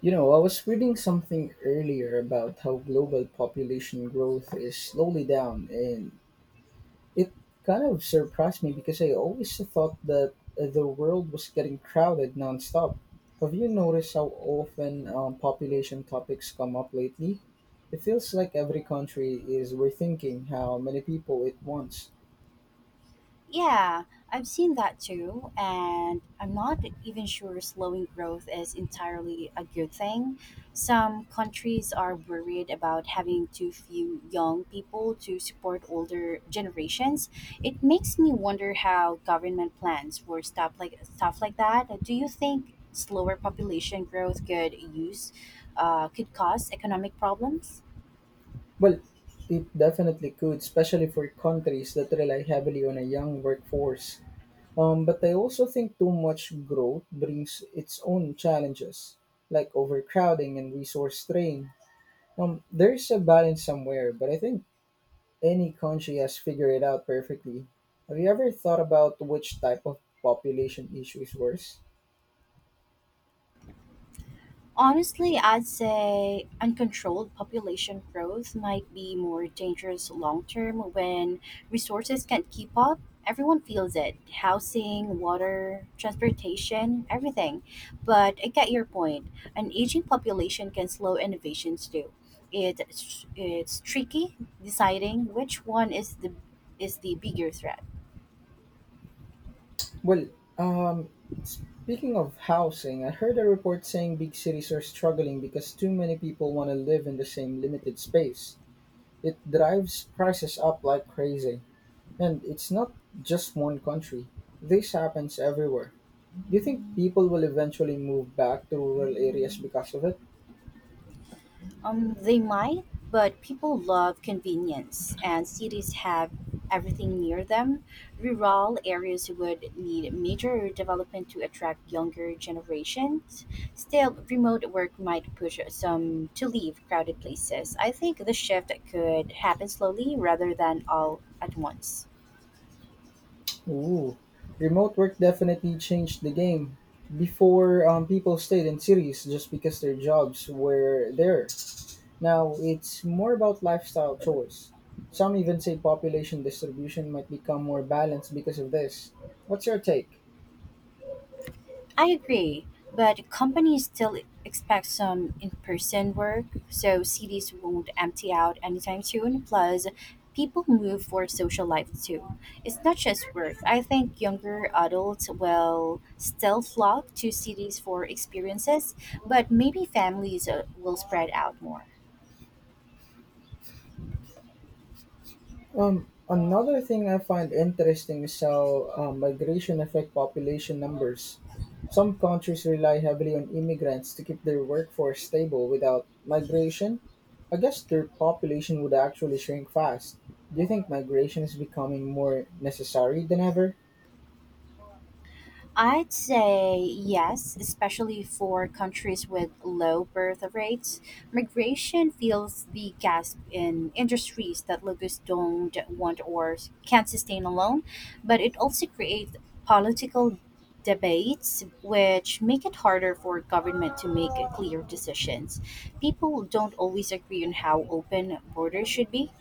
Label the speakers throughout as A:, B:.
A: You know, I was reading something earlier about how global population growth is slowly down, and it kind of surprised me because I always thought that the world was getting crowded nonstop. Have you noticed how often population topics come up lately? It feels like every country is rethinking how many people it wants.
B: Yeah, I've seen that too, and I'm not even sure slowing growth is entirely a good thing. Some countries are worried about having too few young people to support older generations. It makes me wonder how government plans for stuff like that. Do you think slower population growth could cause economic problems?
A: Well, it definitely could, especially for countries that rely heavily on a young workforce. But I also think too much growth brings its own challenges, like overcrowding and resource strain. There's a balance somewhere, but I think any country has figured it out perfectly. Have you ever thought about which type of population issue is worse?
B: Honestly, I'd say uncontrolled population growth might be more dangerous long term when resources can't keep up. Everyone feels it housing, water, transportation, everything. But I get your point. An aging population can slow innovations too. It's tricky deciding which one is the bigger threat.
A: Well, um, Speaking of housing, I heard a report saying big cities are struggling because too many people want to live in the same limited space. It drives prices up like crazy. And it's not just one country. This happens everywhere. Do you think people will eventually move back to rural areas because of it?
B: They might, but people love convenience, and cities have everything near them. Rural areas would need major development to attract younger generations. Still, remote work might push some to leave crowded places. I think the shift could happen slowly rather than all at once.
A: Ooh, remote work definitely changed the game. Before, people stayed in cities just because their jobs were there. Now, it's more about lifestyle choice. Some even say population distribution might become more balanced because of this. What's your take?
B: I agree, but companies still expect some in person work, so cities won't empty out anytime soon. Plus, people move for social life too. It's not just work. I think younger adults will still flock to cities for experiences, but maybe families will spread out more.
A: Another thing I find interesting is how migration affect population numbers. Some countries rely heavily on immigrants to keep their workforce stable. Without migration, I guess their population would actually shrink fast. Do you think migration is becoming more necessary than ever?
B: I'd say yes, especially for countries with low birth rates. Migration fills the gap in industries that locals don't want or can't sustain alone, but it also creates political debates which make it harder for government to make clear decisions. People don't always agree on how open borders should be.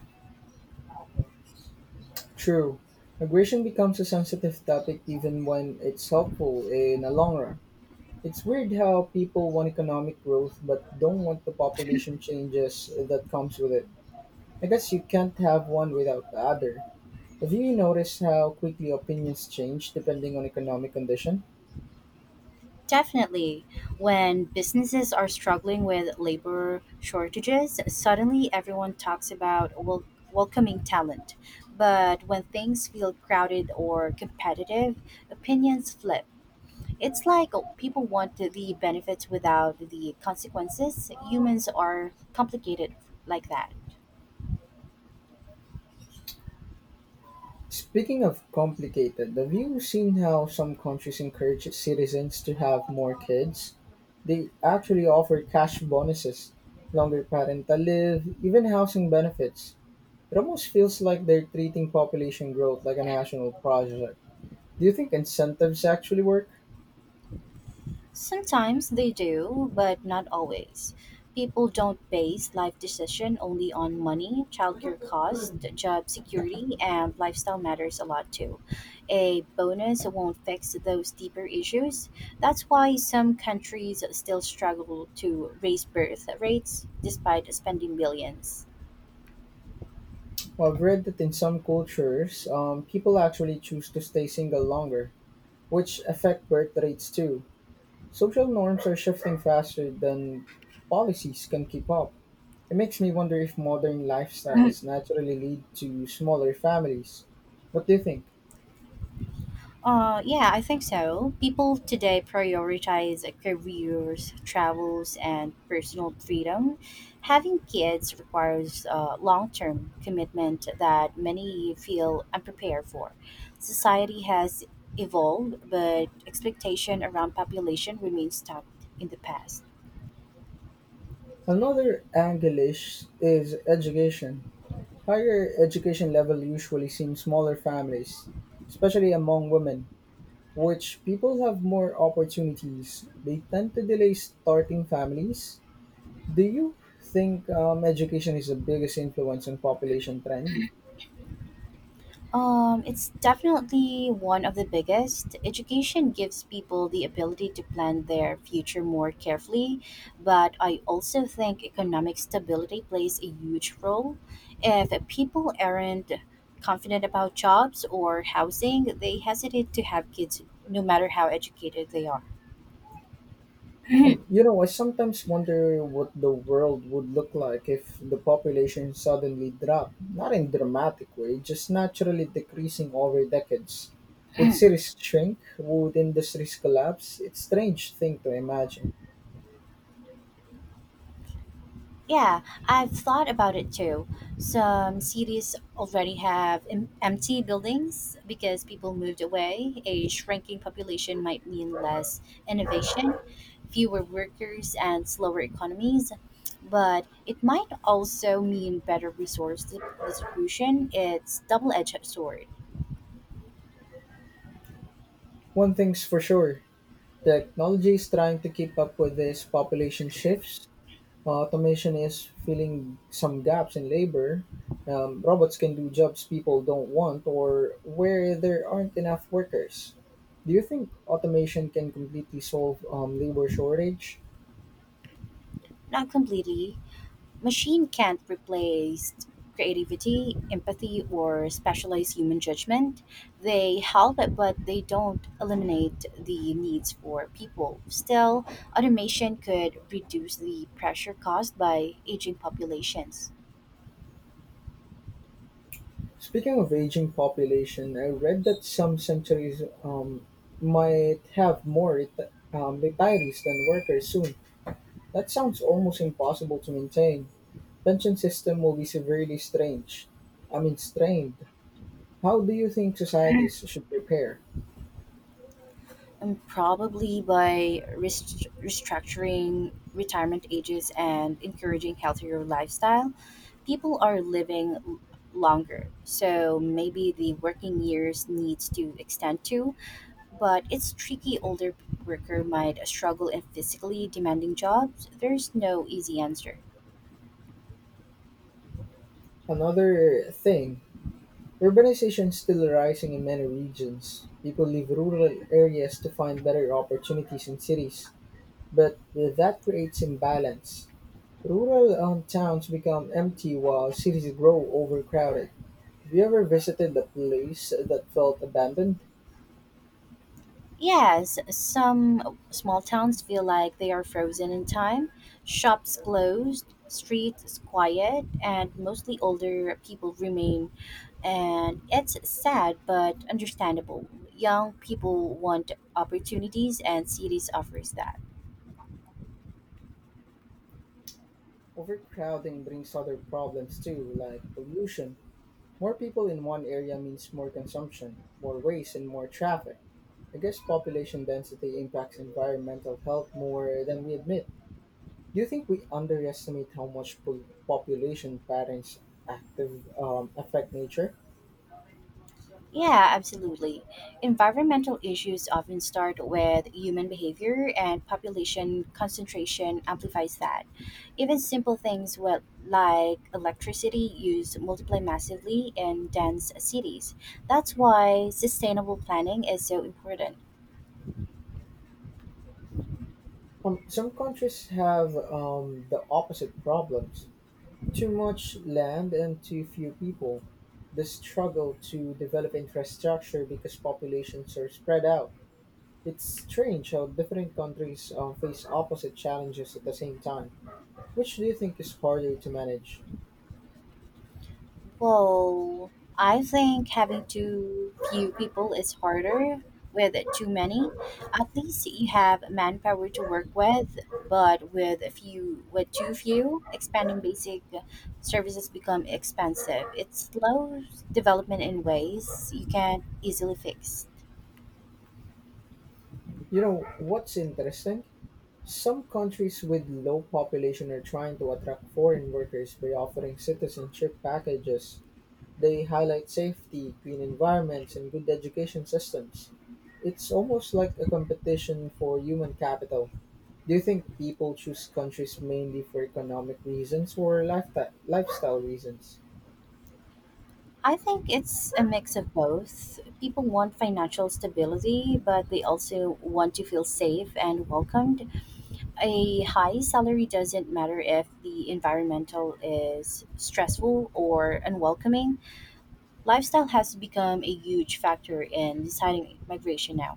A: True. Migration becomes a sensitive topic even when it's helpful in the long run. It's weird how people want economic growth but don't want the population changes that comes with it. I guess you can't have one without the other. Have you noticed how quickly opinions change depending on economic condition?
B: Definitely. When businesses are struggling with labor shortages, suddenly everyone talks about welcoming talent. But when things feel crowded or competitive, opinions flip. It's like people want the benefits without the consequences. Humans are complicated like that.
A: Speaking of complicated, have you seen how some countries encourage citizens to have more kids? They actually offer cash bonuses, longer parental leave, even housing benefits. It almost feels like they're treating population growth like a national project. Do you think incentives actually work?
B: Sometimes they do, but not always. People don't base life decision only on money, childcare costs, job security, and lifestyle matters a lot too. A bonus won't fix those deeper issues. That's why some countries still struggle to raise birth rates despite spending billions.
A: Well, I've read that in some cultures, people actually choose to stay single longer which affect birth rates too. Social norms are shifting faster than policies can keep up. It makes me wonder if modern lifestyles naturally lead to smaller families. What do you think?
B: Yeah, I think so. People today prioritize careers, travels, and personal freedom. Having kids requires a long term commitment that many feel unprepared for. Society has evolved, but expectation around population remains stuck in the past.
A: Another angle is education. Higher education level usually seems smaller families, especially among women, which people have more opportunities. They tend to delay starting families. Do you think education is the biggest influence on population trend?
B: It's definitely one of the biggest. Education gives people the ability to plan their future more carefully, but I also think economic stability plays a huge role. If people aren't confident about jobs or housing, they hesitate to have kids no matter how educated they are.
A: You know, I sometimes wonder what the world would look like if the population suddenly dropped, not in dramatic way, just naturally decreasing over decades. Would cities shrink? Would industries collapse? It's a strange thing to imagine.
B: Yeah, I've thought about it too. Some cities already have empty buildings because people moved away. A shrinking population might mean less innovation, fewer workers, and slower economies. But it might also mean better resource distribution. It's double-edged sword.
A: One thing's for sure, technology is trying to keep up with these population shifts. Automation is filling some gaps in labor. Robots can do jobs people don't want or where there aren't enough workers. Do you think automation can completely solve labor shortage?
B: Not completely machine can't replace creativity, empathy, or specialized human judgment. They help, but they don't eliminate the needs for people. Still, automation could reduce the pressure caused by aging populations.
A: Speaking of aging population, I read that some centuries might have more retirees than workers soon. That sounds almost impossible to maintain. Pension system will be severely strange. I mean, strained. How do you think societies should prepare?
B: And probably by restructuring retirement ages and encouraging healthier lifestyle, people are living longer. So maybe the working years needs to extend too. But it's tricky. Older worker might struggle in physically demanding jobs. There's no easy answer.
A: Another thing, urbanization is still rising in many regions. People leave rural areas to find better opportunities in cities, but that creates imbalance. Rural towns become empty while cities grow overcrowded. Have you ever visited a place that felt abandoned?
B: Yes, some small towns feel like they are frozen in time. Shops closed, streets quiet, and mostly older people remain. And it's sad but understandable. Young people want opportunities, and cities offers that.
A: Overcrowding brings other problems too, like pollution. More people in one area means more consumption, more waste, and more traffic. I guess population density impacts environmental health more than we admit. Do you think we underestimate how much population patterns active affect nature?
B: Yeah, absolutely. Environmental issues often start with human behavior, and population concentration amplifies that. Even simple things with, like electricity use multiply massively in dense cities. That's why sustainable planning is so important.
A: Some countries have the opposite problems: too much land and too few people. The struggle to develop infrastructure because populations are spread out. It's strange how different countries face opposite challenges at the same time. Which do you think is harder to manage?
B: Well, I think having too few people is harder with too many. At least you have manpower to work with, but with too few, expanding basic services become expensive. It slows development in ways you can't easily fix.
A: You know, what's interesting? Some countries with low population are trying to attract foreign workers by offering citizenship packages. They highlight safety, clean environments, and good education systems. It's almost like a competition for human capital. Do you think people choose countries mainly for economic reasons or lifestyle reasons?
B: I think it's a mix of both. People want financial stability, but they also want to feel safe and welcomed a high salary doesn't matter if the environmental is stressful or unwelcoming. Lifestyle has become a huge factor in deciding migration now.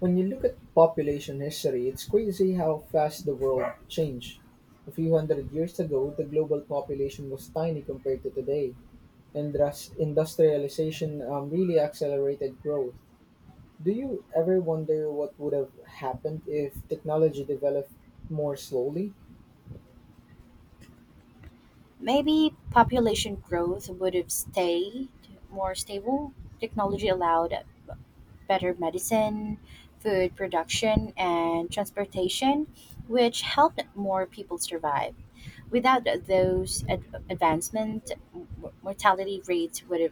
A: When you look at population history, it's crazy how fast the world changed. A few hundred years ago, the global population was tiny compared to today, and thus industrialization really accelerated growth. Do you ever wonder what would have happened if technology developed more slowly?
B: Maybe population growth would have stayed more stable. Technology allowed better medicine, food production, and transportation, which helped more people survive. Without those advancements, mortality rates would have